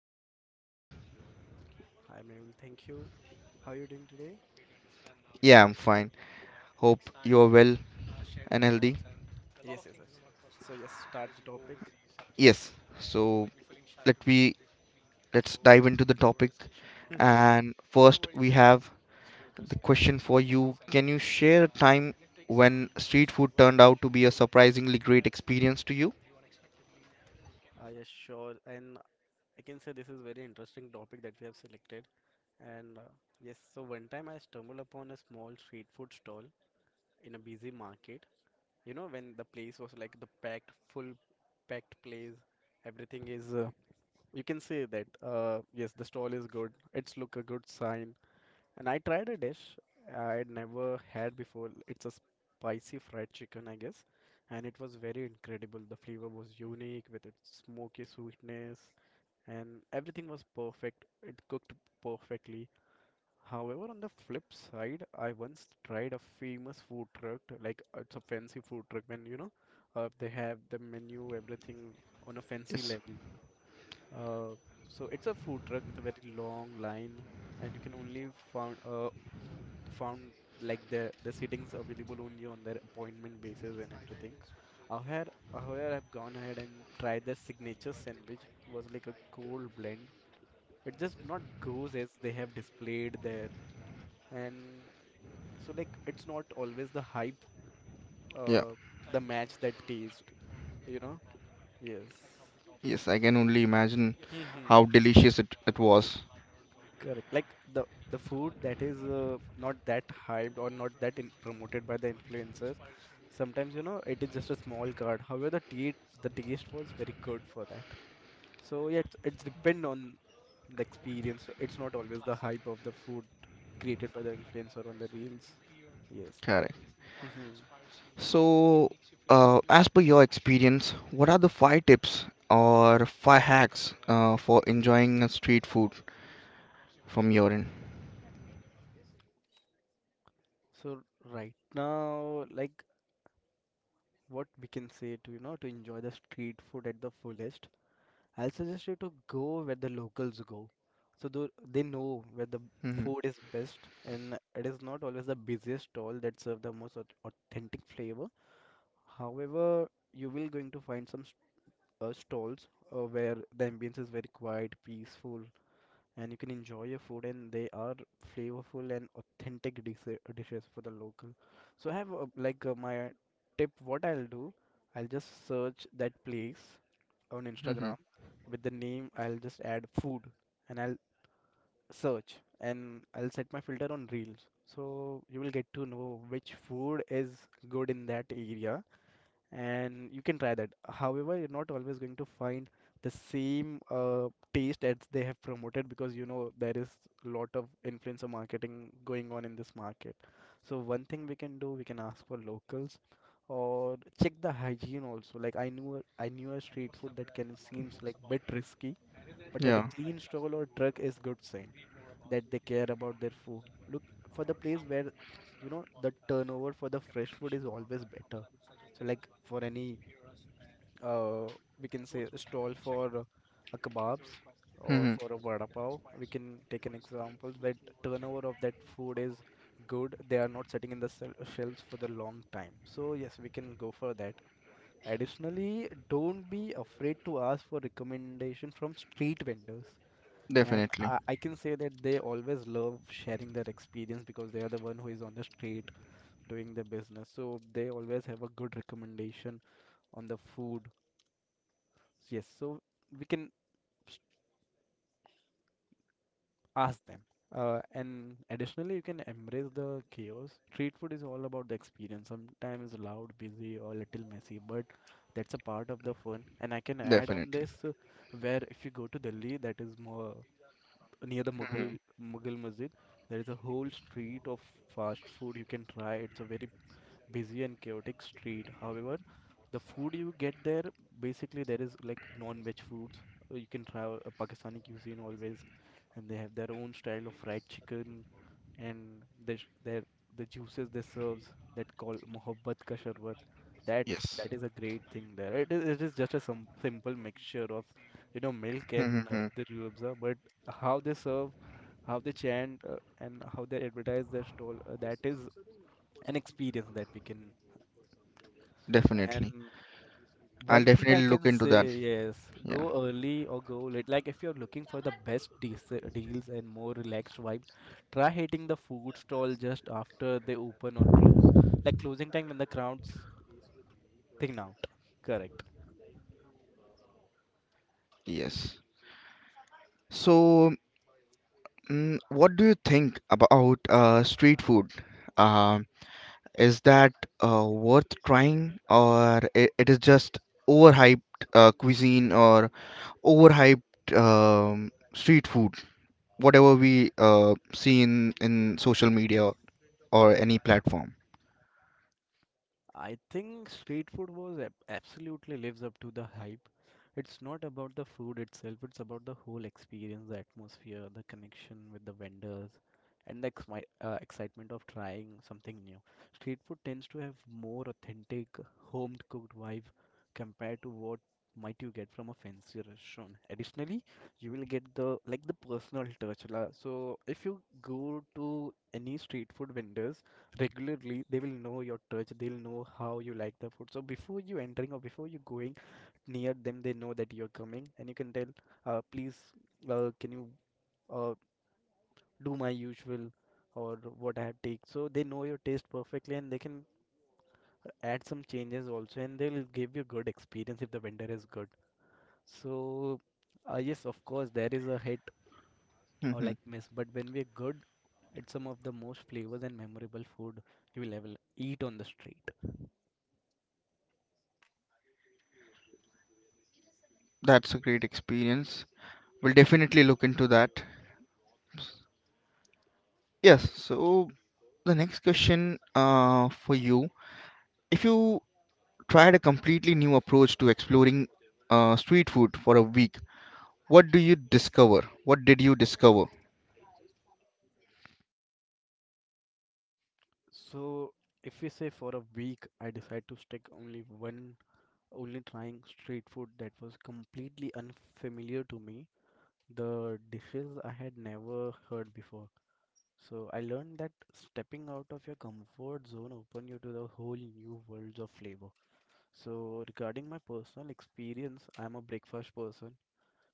Adnan, how are you? Hi, Mary. Thank you. How are you doing today? Yeah, I'm fine. Hope you are well and healthy. Yes, yes, yes. So, yes, start the topic. Yes. So, let we let's dive into the topic. I And first we have the question for you. Can you share a time when street food turned out to be a surprisingly great experience to you? assure, and I can say this is very interesting topic that we have selected. And uh, yes, so one time I stumbled upon a small street food stall in a busy market. You know, when the place was like the full packed place, everything is. You can say that. Yes, the stall is good. It's look a good sign. And I tried a dish I'd never had before. It's a spicy fried chicken, I guess. And it was very incredible. The flavor was unique with its smoky sweetness, and everything was perfect. It cooked perfectly. However, on the flip side, I once tried a famous food truck, like it's a fancy food truck, when you know, they have the menu, everything on a fancy Yes. level. Uh, so it's a food truck with a very long line, and you can only found uh, found like the sittings available only on their appointment basis and everything. However, I've gone ahead and tried the signature sandwich. It was like a cold blend. It just not goes as they have displayed there, and so like it's not always the hype, Yeah. uh, the match that taste. You know? Yes. Yes, I can only imagine how delicious it was. Correct. Like the food that is not that hyped or not that in promoted by the influencers. Sometimes you know it is just a small card. However, the taste was very good for that. So yeah, it's depend on the experience. So it's not always the hype of the food created by the influencer on the reels. Yes. Correct. hmm So, as per your experience, what are the five tips or five hacks for enjoying a street food from your end? So right now, like what we can say to you know to enjoy the street food at the fullest. I'll suggest you to go where the locals go. So they know where the Mm-hmm. food is best, and it is not always the busiest stall that serve the most authentic flavor. However, you will going to find some stalls where the ambience is very quiet, peaceful, and you can enjoy your food, and they are flavorful and authentic dishes for the local. So I have like my tip. What I'll do, I'll just search that place on Mm-hmm. Instagram with the name. I'll just add food and I'll search and I'll set my filter on reels. So you will get to know which food is good in that area and you can try that. However, you're not always going to find the same taste as they have promoted because you know there is a lot of influencer marketing going on in this market. So one thing we can do, we can ask for locals or check the hygiene also. Like I knew a street food that can seems like bit risky, but at Yeah. a clean stall or truck is good sign that they care about their food. Look for the place where you know the turnover for the fresh food is always better so like for any uh, we can say a stall for a kebabs or Mm-hmm. for a vada pav. We can take an example where turnover of that food is good. They are not sitting in the shelves for the long time. So yes, we can go for that. Additionally, don't be afraid to ask for recommendation from street vendors. And Definitely. I can say that they always love sharing their experience because they are the one who is on the street doing the business. So they always have a good recommendation on the food. Yes, so we can s- ask them. And additionally, you can embrace the chaos. Street food is all about the experience. Sometimes loud, busy, or a little messy, but that's a part of the fun. And I can add on Definitely. this where if you go to Delhi, that is more near the Mm-hmm. Mughal Masjid, there is a whole street of fast food you can try. It's a very busy and chaotic street. However, the food you get there, basically there is like non-veg foods. You can try Pakistani cuisine always, and they have their own style of fried chicken and the the juices they serves that call mohabbat ka sharbat. That Yes. that is a great thing there. It is just a some simple mixture of you know milk and Mm-hmm. the ruabza, but how they serve, how they chant, and how they advertise their stall, that is an experience that we can, Definitely. and I'll one thing I definitely look can into that. say, yes, Yeah. go early or go late. Like if you're looking for the best deals, deals and more relaxed vibe, try hitting the food stall just after they open or close. Like closing time when the crowd's thin out. Correct. Yes. So, mm, what do you think about street food? Uh, is that worth trying, or it is just overhyped cuisine or overhyped street food, whatever we see in social media or any platform? I think street food was absolutely lives up to the hype. It's not about the food itself, it's about the whole experience, the atmosphere, the connection with the vendors, and the exmi excitement of trying something new. Street food tends to have more authentic, home cooked vibe compared to what might you get from a fancy restaurant. Additionally, you will get the like the personal touch. So if you go to any street food vendors, regularly they will know your touch, they'll know how you like the food, so before you entering or before you going near them they know that you're coming and you can tell please can you uh, do my usual or what I have take, so they know your taste perfectly and they can add some changes also and they'll give you good experience if the vendor is good. So yes of course there is a hit or Hmm. like miss, but when we're good it's some of the most flavors and memorable food you will ever eat on the street. That's a great experience. We'll definitely look into that. Yes, so the next question for you, if you tried a completely new approach to exploring street food for a week, what do you discover? What did you discover? So if we say for a week, I decide to stick only one, only trying street food that was completely unfamiliar to me, the dishes I had never heard before. So I learned that stepping out of your comfort zone open you to the whole new worlds of flavor. So regarding my personal experience, I'm a breakfast person.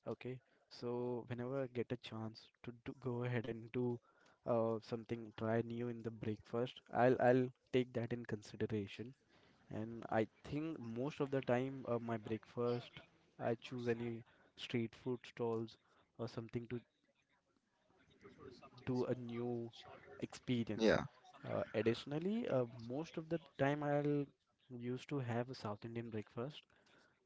Okay, so whenever I get a chance to do, go ahead and do something try new in the breakfast, I'll take that in consideration. And I think most of the time my breakfast, I choose any street food stalls or something to do a new experience. Yeah, Additionally, most of the time I'll used to have a South Indian breakfast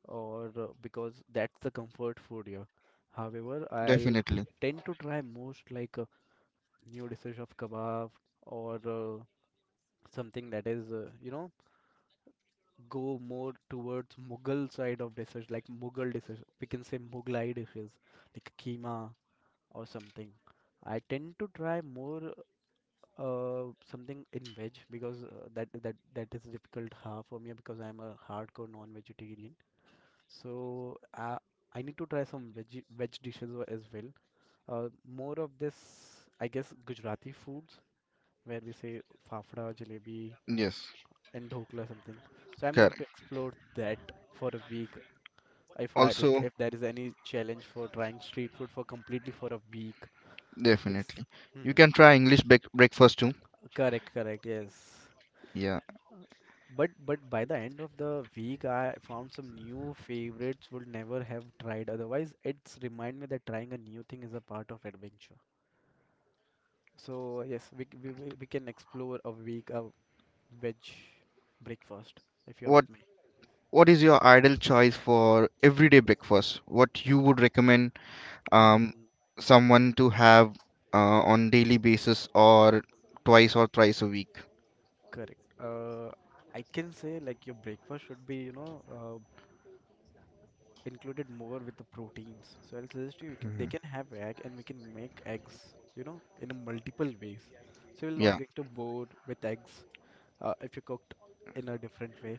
or because that's the comfort food here. However, I'll definitely. tend to try most like new dishes of kebab or something that is you know go more towards Mughal side of dishes like Mughal dishes. We can say Mughlai dishes like keema or something. I tend to try more something in veg because that is difficult half for me because I'm a hardcore non-vegetarian. So I need to try some veg dishes as well. More of this, I guess, Gujarati foods where we say fafda, jalebi, Yes, and dhokla something. So I'm going correct. to explore that for a week. If I like, Also, if there is any challenge for trying street food for completely for a week, yes. definitely. You hmm can try English breakfast too. Correct, correct, yes. Yeah. But by the end of the week, I found some new favorites would never have tried. Otherwise, it's remind me that trying a new thing is a part of adventure. So yes, we c- we can explore a week of veg breakfast if you're What with me. What is your ideal choice for everyday breakfast? What you would recommend um, Mhm. someone to have on daily basis or twice or thrice a week? Correct. I can say like your breakfast should be, you know, included more with the proteins. So I'll suggest you they can have egg and we can make eggs, you know, in a multiple ways. So we're not Yeah, going to bored with eggs, if you cooked in a different way.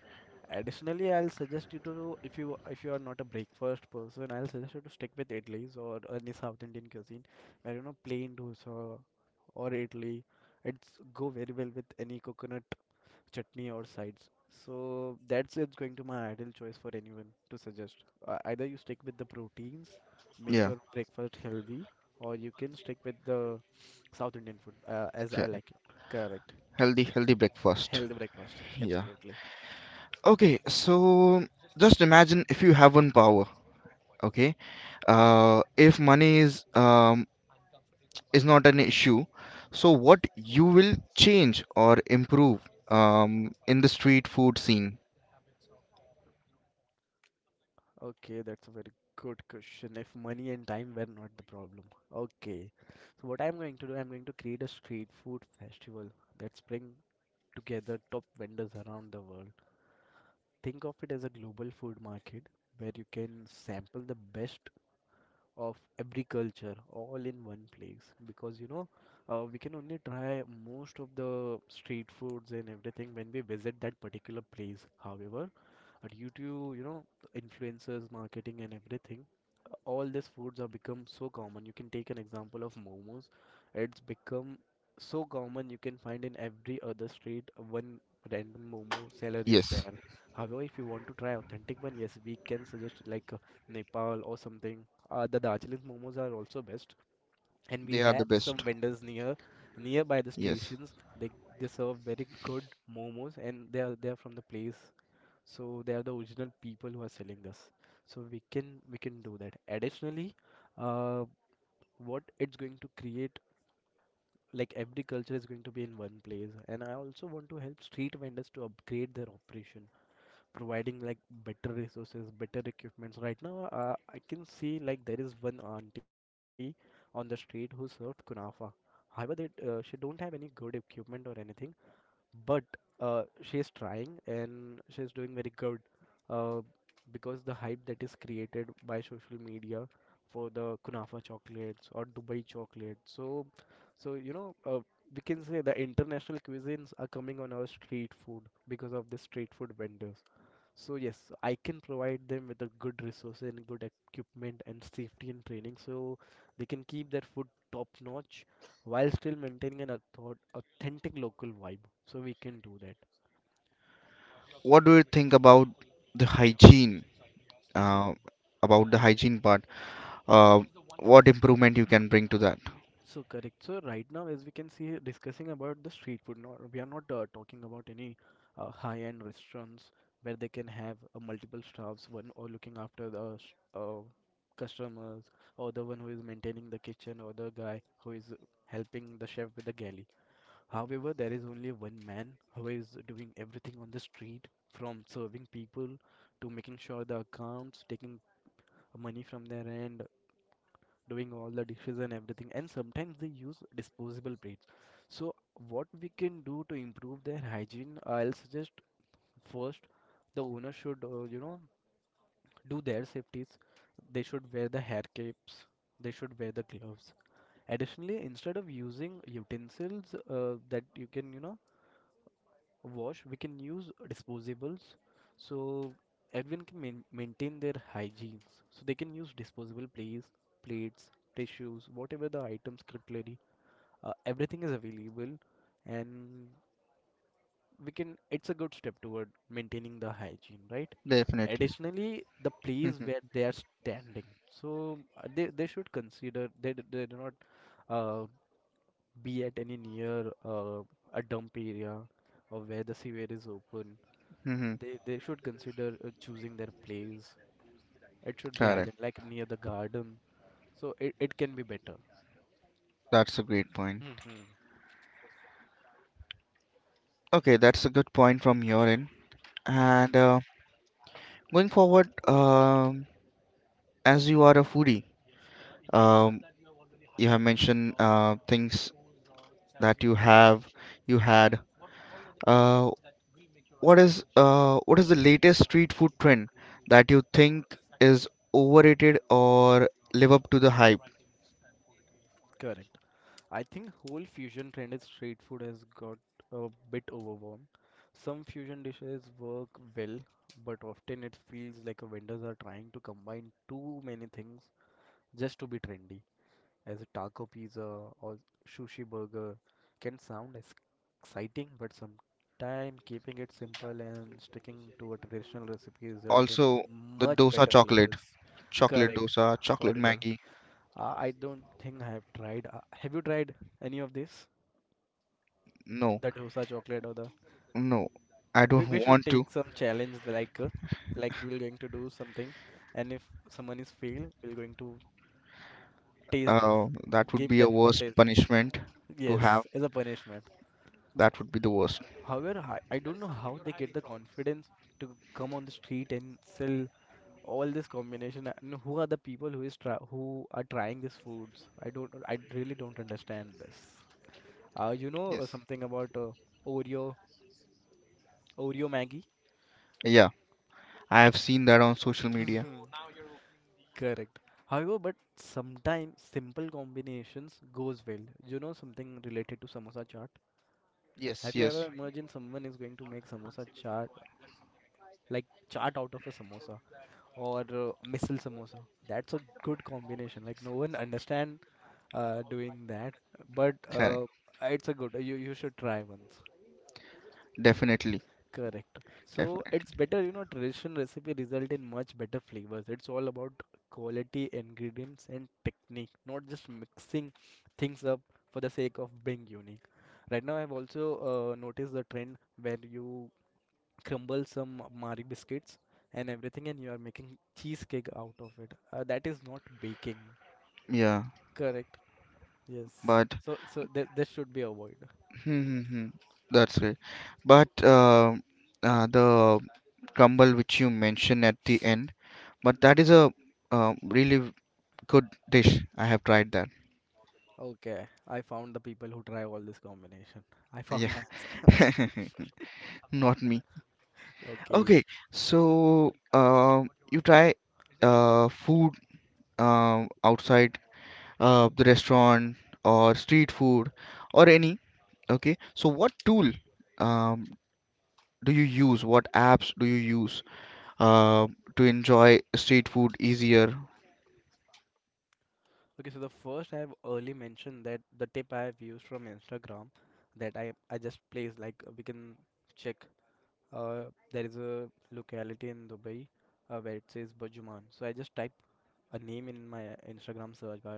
Additionally, I'll suggest you to if you are not a breakfast person, I'll suggest you to stick with idlis or any South Indian cuisine, where you know plain dosa or idli. It's go very well with any coconut chutney or sides. So that's it's going to my ideal choice for anyone to suggest. Either you stick with the proteins, make yeah, your breakfast healthy, or you can stick with the South Indian food as I okay. like it. Correct. Healthy, healthy breakfast. Healthy breakfast, Yeah. absolutely. Okay, so just imagine if you have one power, okay? If money is not an issue, so what you will change or improve in the street food scene? Okay, that's a very good question. If money and time were not the problem. Okay. So what I'm going to do, I'm going to create a street food festival that's bring together top vendors around the world. Think of it as a global food market where you can sample the best of every culture all in one place because we can only try most of the street foods and everything when we visit that particular place. However, But due to you know influencers marketing and everything, all these foods have become so common. You can take an example of momos. It's become so common, you can find in every other street one random momo seller is Yes, there. However, if you want to try authentic one, yes, we can suggest like Nepal or something. The Darjeeling momos are also best, and we they are the have some best. vendors nearby the Yes. stations. They serve very good momos, and they are from the place, so they are the original people who are selling this. So we can do that. Additionally, uh, what it's going to create, like every culture is going to be in one place. And I also want to help street vendors to upgrade their operation, providing like better resources, better equipments. Right now, I can see like there is one auntie on the street who served kunafa. However they uh, she don't have any good equipment or anything, but she's trying, and she's doing very good, uh, because the hype that is created by social media for the kunafa chocolates or Dubai chocolate. So we can say the international cuisines are coming on our street food because of the street food vendors. So yes, I can provide them with a good resource and good equipment and safety and training, so they can keep their food top notch while still maintaining an authentic local vibe. So we can do that. What do you think about the hygiene? Mhm. Uh, about the hygiene part. Uh, what improvement you can bring to that? So correct. So right now, as we can see, discussing about the street food. Not we are not talking about any high-end restaurants where they can have multiple staffs, one or looking after the customers, or the one who is maintaining the kitchen, or the guy who is helping the chef with the galley. However, there is only one man who is doing everything on the street, from serving people to making sure the accounts, taking money from their end, doing all the dishes and everything. And sometimes they use disposable plates. So, what we can do to improve their hygiene, I'll suggest first the owner should, do their safeties. They should wear the hair caps, they should wear the gloves. Additionally, instead of using utensils that you can, wash, we can use disposables, so everyone can maintain their hygienes. So they can use disposable plates, tissues, whatever the items, cutlery, everything is available. And we can, it's a good step toward maintaining the hygiene, right? Definitely. Additionally, the place where they are standing, so they should consider, they do not uh, be at any near a dump area or where the sewer is open. Mm-hmm. Mm-hmm. They should consider choosing their place. It should be hygienic, like near the garden, so it can be better. That's a great point. Mm-hmm. Okay, that's a good point from your end. And Mm-hmm. Going forward, as you are a foodie, um, you have mentioned things that you have, you had. Uh, what is what is the latest street food trend that you think is overrated or live up to the hype? Correct. I think whole fusion trend in street food has got a bit overwhelmed. Some fusion dishes work well, but often it feels like a vendors are trying to combine too many things just to be trendy. As a taco pizza or sushi burger can sound exciting, but sometimes keeping it simple and sticking to a traditional recipe result in Also, the much dosa better chocolate, flavors. chocolate Correct. dosa, chocolate Horrible. Maggie. I don't think I have tried. Have you tried any of this? No, The dosa chocolate or the? no, I We don't should want to. take some challenge like we're going to do something, and if someone is fail, we're going to taste this. That would Give be a them to worst taste them. punishment to have. Yes, as a punishment. That would be the worst. However, I don't know how they get the confidence to come on the street and sell all this combination. And who are the people who is try who are trying these foods? I don't. I really don't understand this. Yes. Something about Oreo, Oreo Maggie? Yeah, I have seen that on social media. Correct. However, but sometimes simple combinations goes well. You know something related to samosa chaat? Yes, Have you yes. ever imagined someone is going to make samosa chaat, like chaat out of a samosa? Or missile samosa. That's a good combination. Like no one understand doing that, but Okay. It's a good. You should try once. Definitely. Correct. So it's Definitely. better, you know, traditional recipe result in much better flavors. It's all about quality, ingredients, and technique, not just mixing things up for the sake of being unique. Right now, I've also noticed the trend where you crumble some Mari biscuits and everything, and you are making cheesecake out of it. That is not baking. Yeah, Correct. Yes. but So, so th this should be avoided. hmm, hmm, hmm. that's right. But the crumble which you mentioned at the end, but that is a really good dish. I have tried that. Okay, I found the people who try all this combination. I found Yeah, my answer. not me. Okay, Okay. so you try food outside the restaurant or street food or any. Okay, so what tool um, do you use, what apps do you use uh, to enjoy street food easier? Okay, so the first I have early mentioned that the tip I have used from Instagram, that I just placed like we can check. Uh, there is a locality in Dubai where it says Burjuman. So I just type a name in my Instagram search bar,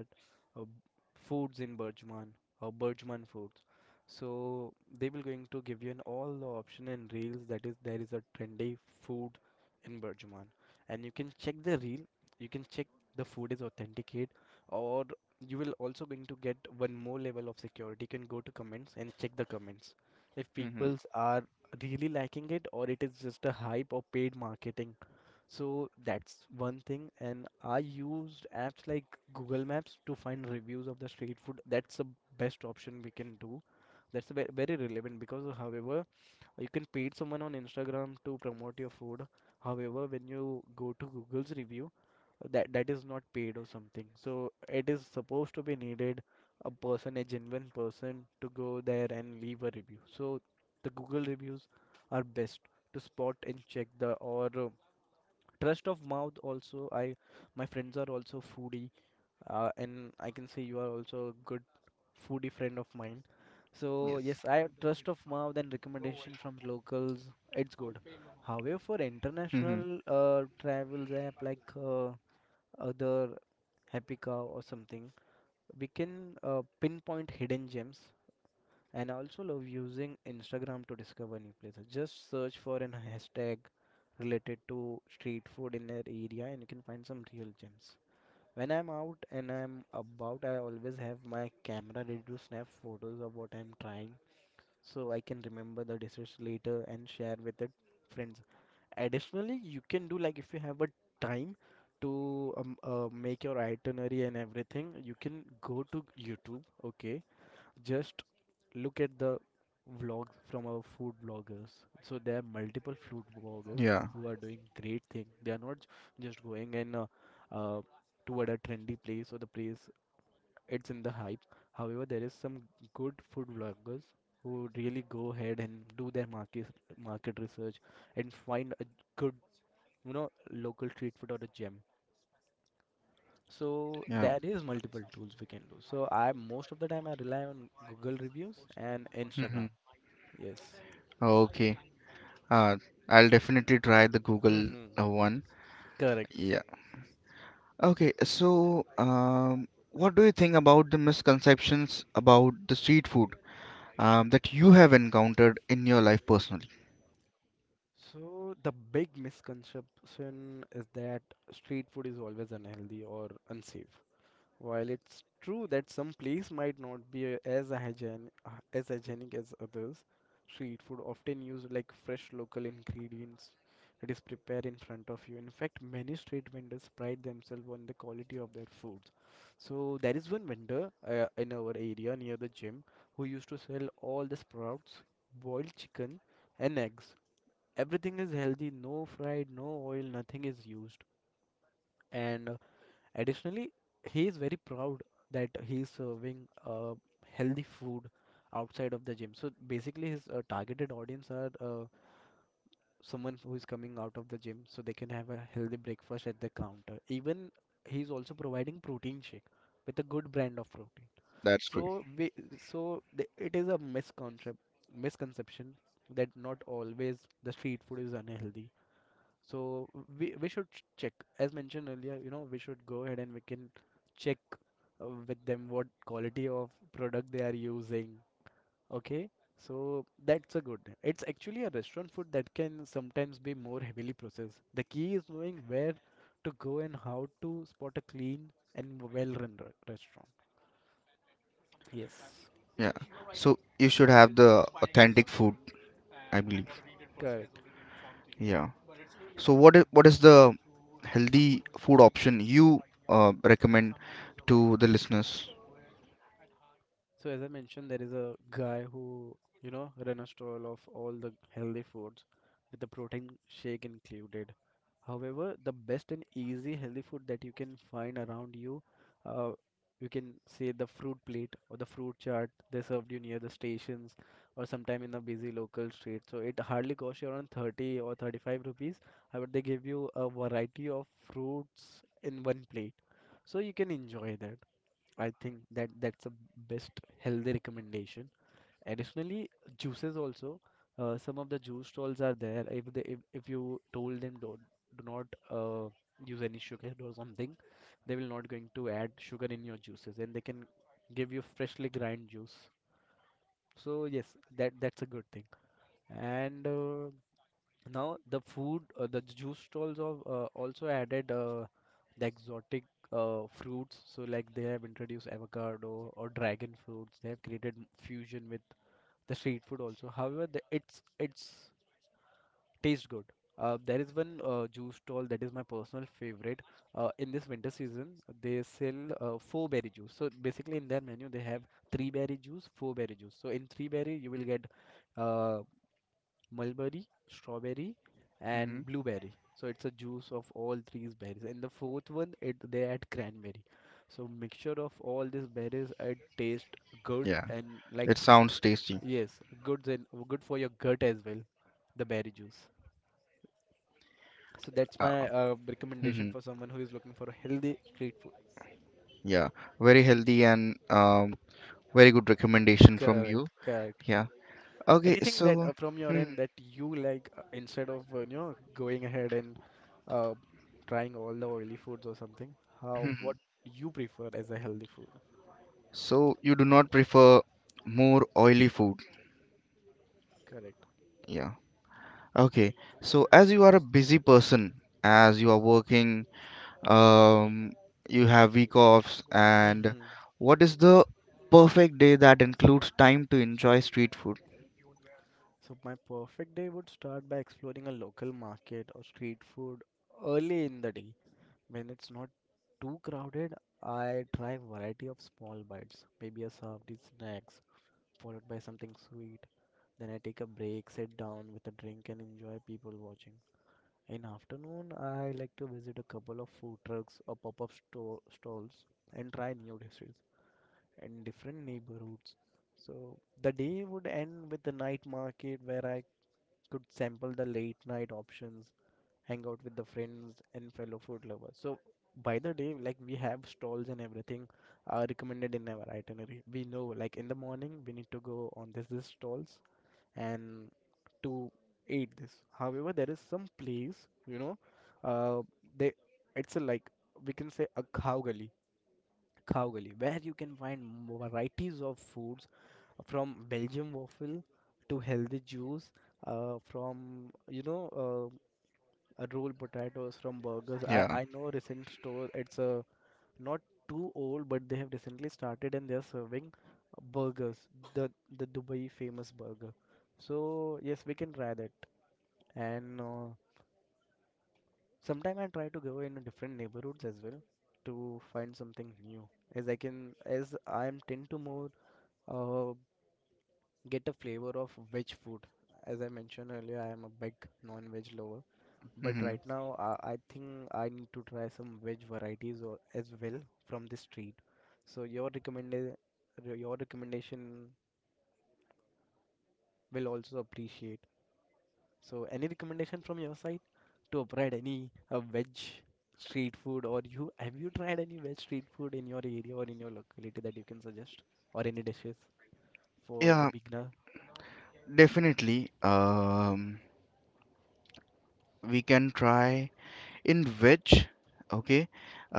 uh, foods in Burjuman or Burjuman foods. So they will going to give you an all the option in reels, that is there is a trendy food in Burjuman, and you can check the reel. You can check the food is authenticate, or you will also going to get one more level of security. You can go to comments and check the comments if Hmm. peoples are really liking it or it is just a hype or paid marketing. So that's one thing. And I used apps like Google Maps to find reviews of the street food. That's the best option we can do. That's very relevant because, however, you can paid someone on Instagram to promote your food. However, when you go to Google's review, that is not paid or something. So it is supposed to be needed a person, a genuine person, to go there and leave a review. So the Google reviews are best to spot and check the, or trust of mouth also. I, my friends are also foodie, and I can say you are also a good foodie friend of mine. So Yes. yes, I trust of mouth and recommendation from locals. It's good. However, for Mm-hmm. international travels, app like other Happy Cow or something, we can pinpoint hidden gems. And I also love using Instagram to discover new places. Just search for an hashtag related to street food in that area, and you can find some real gems. When I'm out and I'm about, I always have my camera ready to snap photos of what I'm trying, so I can remember the dishes later and share with the friends. Additionally, you can do like if you have a time to make your itinerary and everything, you can go to YouTube, okay? Just look at the vlogs from our food bloggers. So there are multiple food bloggers Yeah. who are doing great thing. They are not just going and uh, toward a trendy place or the place it's in the hype. However, there is some good food vloggers who really go ahead and do their market research and find a good, you know, local street food or a gem. So Yeah. there is multiple tools we can do. So I, most of the time I rely on Google reviews and Mm-hmm. Instagram. Yes. Okay. Uh, I'll definitely try the Google Mm-hmm. One. Correct. Yeah. Okay. So, what do you think about the misconceptions about the street food that you have encountered in your life personally? So the big misconception is that street food is always unhealthy or unsafe. While it's true that some place might not be as hygienic as others, street food often use like fresh local ingredients that is prepared in front of you. In fact, many street vendors pride themselves on the quality of their foods. So there is one vendor in our area near the gym who used to sell all the sprouts, boiled chicken, and eggs. Everything is healthy, no fried, no oil, nothing is used. And additionally, he is very proud that he is serving healthy food outside of the gym. So basically, his targeted audience are someone who is coming out of the gym, so they can have a healthy breakfast at the counter. Even he is also providing protein shake with a good brand of protein. That's great. So we, so the, it is a misconception that not always the street food is unhealthy. So we should check. As mentioned earlier, you know, we should go ahead and we can check with them what quality of product they are using. Okay, so that's a good. It's actually a restaurant food that can sometimes be more heavily processed. The key is knowing where to go and how to spot a clean and well-run restaurant. Yes, Yeah. So you should have the authentic food, I believe. correct. Yeah. So what is the healthy food option you recommend to the listeners? So as I mentioned, there is a guy who, you know, run a stall of all the healthy foods with the protein shake included. However, the best and easy healthy food that you can find around you, uh, you can say the fruit plate or the fruit chart they served you near the stations or sometime in a busy local street. So it hardly costs you around 30 or 35 rupees. However, they give you a variety of fruits in one plate. So you can enjoy that. I think that's a best healthy recommendation. Additionally, juices also. Some of the juice stalls are there. If they if you told them don't do not use any sugar or something, they will not going to add sugar in your juices, and they can give you freshly grind juice. So yes, that's a good thing. And Now the food, the juice stalls of also added the exotic fruits. So like they have introduced avocado or dragon fruits. They have created fusion with the street food also. However, the, it's tastes good. There is one juice stall that is my personal favorite. In this winter season, they sell four berry juice. So basically, in their menu, they have three berry juice, four berry juice. So in three berry, you will get uh, mulberry, strawberry, Mm-hmm. and blueberry. So it's a juice of all three berries. And the fourth one, it they add cranberry. So mixture of all these berries, it taste good Yeah. and like It sounds tasty. yes, good and good for your gut as well. The berry juice. So that's Uh, my recommendation Mm-hmm. for someone who is looking for a healthy street food. Yeah, very healthy and very good recommendation from Correct, you. correct. Yeah. Okay, Anything that so from your hmm, end that you like instead of you know going ahead and uh, trying all the oily foods or something how hmm. what you prefer as a healthy food So you do not prefer more oily food. correct. Yeah. Okay. So as you are a busy person, as you are working, um, you have week offs, and Hmm. what is the perfect day that includes time to enjoy street food? So my perfect day would start by exploring a local market or street food early in the day when it's not too crowded. I try variety of small bites, maybe a savory snacks followed by something sweet. Then I take a break, sit down with a drink and enjoy people watching. In afternoon, I like to visit a couple of food trucks or pop-up store stalls and try new dishes in different neighborhoods. So the day would end with the night market where I could sample the late night options, hang out with the friends and fellow food lovers. So by the day, like we have stalls and everything are recommended in our itinerary. We know like in the morning we need to go on this stalls and to aid this. However, there is some place, you know, uh, they it's a like we can say a cow gully, where you can find varieties of foods from Belgium waffle to healthy juice, from you know, rolled potatoes from burgers. I Yeah. I know recent store. It's a not too old, but they have recently started and they are serving burgers, the the Dubai famous burger. So yes, we can try that and. Sometime I try to go in different neighborhoods as well to find something new, as I am tend to more uh, get a flavor of veg food. As I mentioned earlier, I am a big non-veg lover, but Mm-hmm. right now I think I need to try some veg varieties or, as well from the street. So your recommendation, your recommendation will also appreciate. So, any recommendation from your side to upgrade any veg street food, or you have you tried any veg street food in your area or in your locality that you can suggest, or any dishes for the Yeah, beginner? definitely. We can try. In which Okay,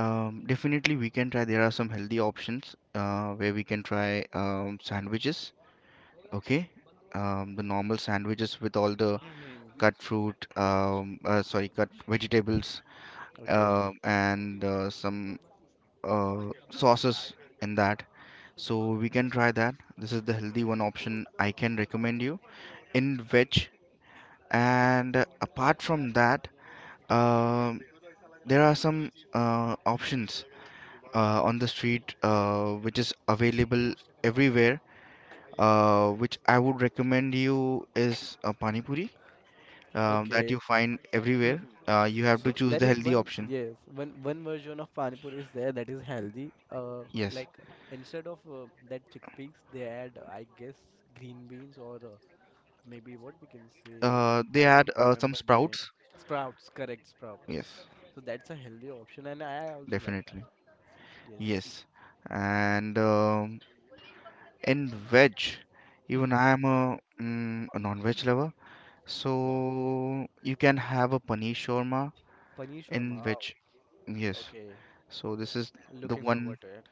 definitely we can try. There are some healthy options where we can try sandwiches. Okay, the normal sandwiches with all the Hmm. cut fruit, sorry, cut vegetables, Okay, and some sauces in that. So we can try that. This is the healthy one option I can recommend you in veg. And apart from that, um, there are some options on the street which is available everywhere, which I would recommend you is a pani puri, that okay. you find everywhere. Mhm. You have to So choose there the is healthy one option. yes one one version of pani puri is there that is healthy. Yes, Like instead of that chickpeas, they add I guess green beans or maybe what we can say they I add don't some remember the name. sprouts. Sprouts, correct, sprouts. Yes, So that's a healthy option and I also like that. definitely. Yes. Yes. And in veg, even I am a, mm, a non-veg lover. So Wow, you can have a paneer shawarma paneer in shawarma, veg. wow. Yes, Okay, so this is the looking one. forward to it.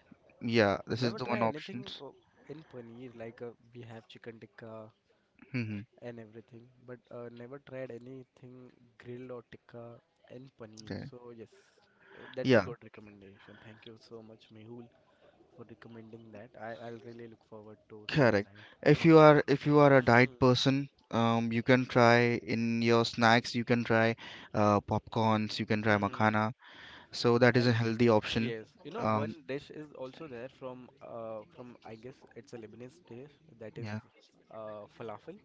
Yeah, this is Never the try one anything options. In paneer like we have chicken tikka Hmm. and everything but never tried anything grilled or tikka and paneer, Okay. so yes that's a Yeah, good recommendation, thank you so much Mehul for recommending that. I'll really look forward to try correct. that. If you are, if you are a diet Mm-hmm. person, you can try in your snacks. You can try popcorns. You can try Mm-hmm. makhana. So that is a And healthy option. yes, you know, Um, one dish is also there from I guess it's a Lebanese dish that is yeah, falafel.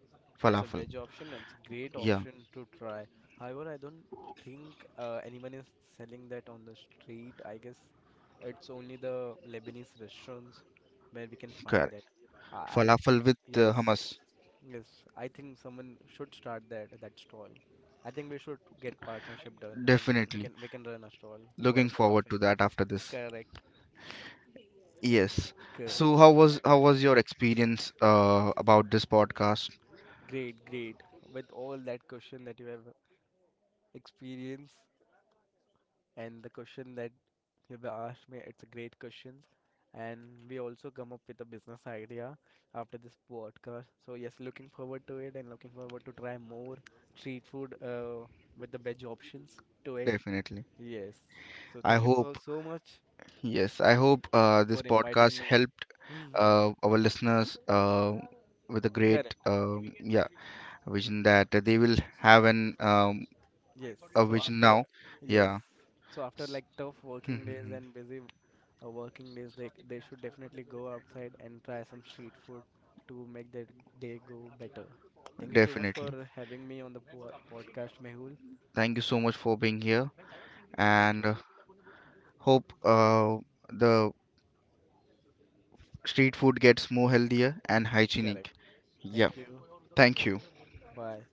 It's a falafel. veg option and it's a great Yeah, option to try. However, I don't think anyone is selling that on the street. I guess it's only the Lebanese restaurants where we can find correct. that. I Falafel with yes, hummus. yes. I think someone should start that stall. I think we should get partnership done and we, we Definitely. can we can run a stall for a Looking forward falafel. to that after this. Correct. Yes. Good. So how was your experience about this podcast? Great, great. With all that question that you have experienced and the question that you've asked me, it's a great question. And we also come up with a business idea after this podcast. So yes, looking forward to it and looking forward to try more street food with the veg options to it. Definitely. Yes. So I thank you for hope. so much Yes, I hope this for inviting podcast me. helped Hmm. Our listeners with a great Correct. Yeah vision that they will have an Yes. a So vision after now. yes. Yeah, So after S- like tough working days Mhm. and busy working days, they should definitely go outside and try some street food to make their day go better. Thank you so much for Definitely. having me on the po podcast, Mehul. Thank you so much for being here, Thank and you. hope the street food gets more healthier and Correct. hygienic. Yeah, Thank you. thank you. Bye.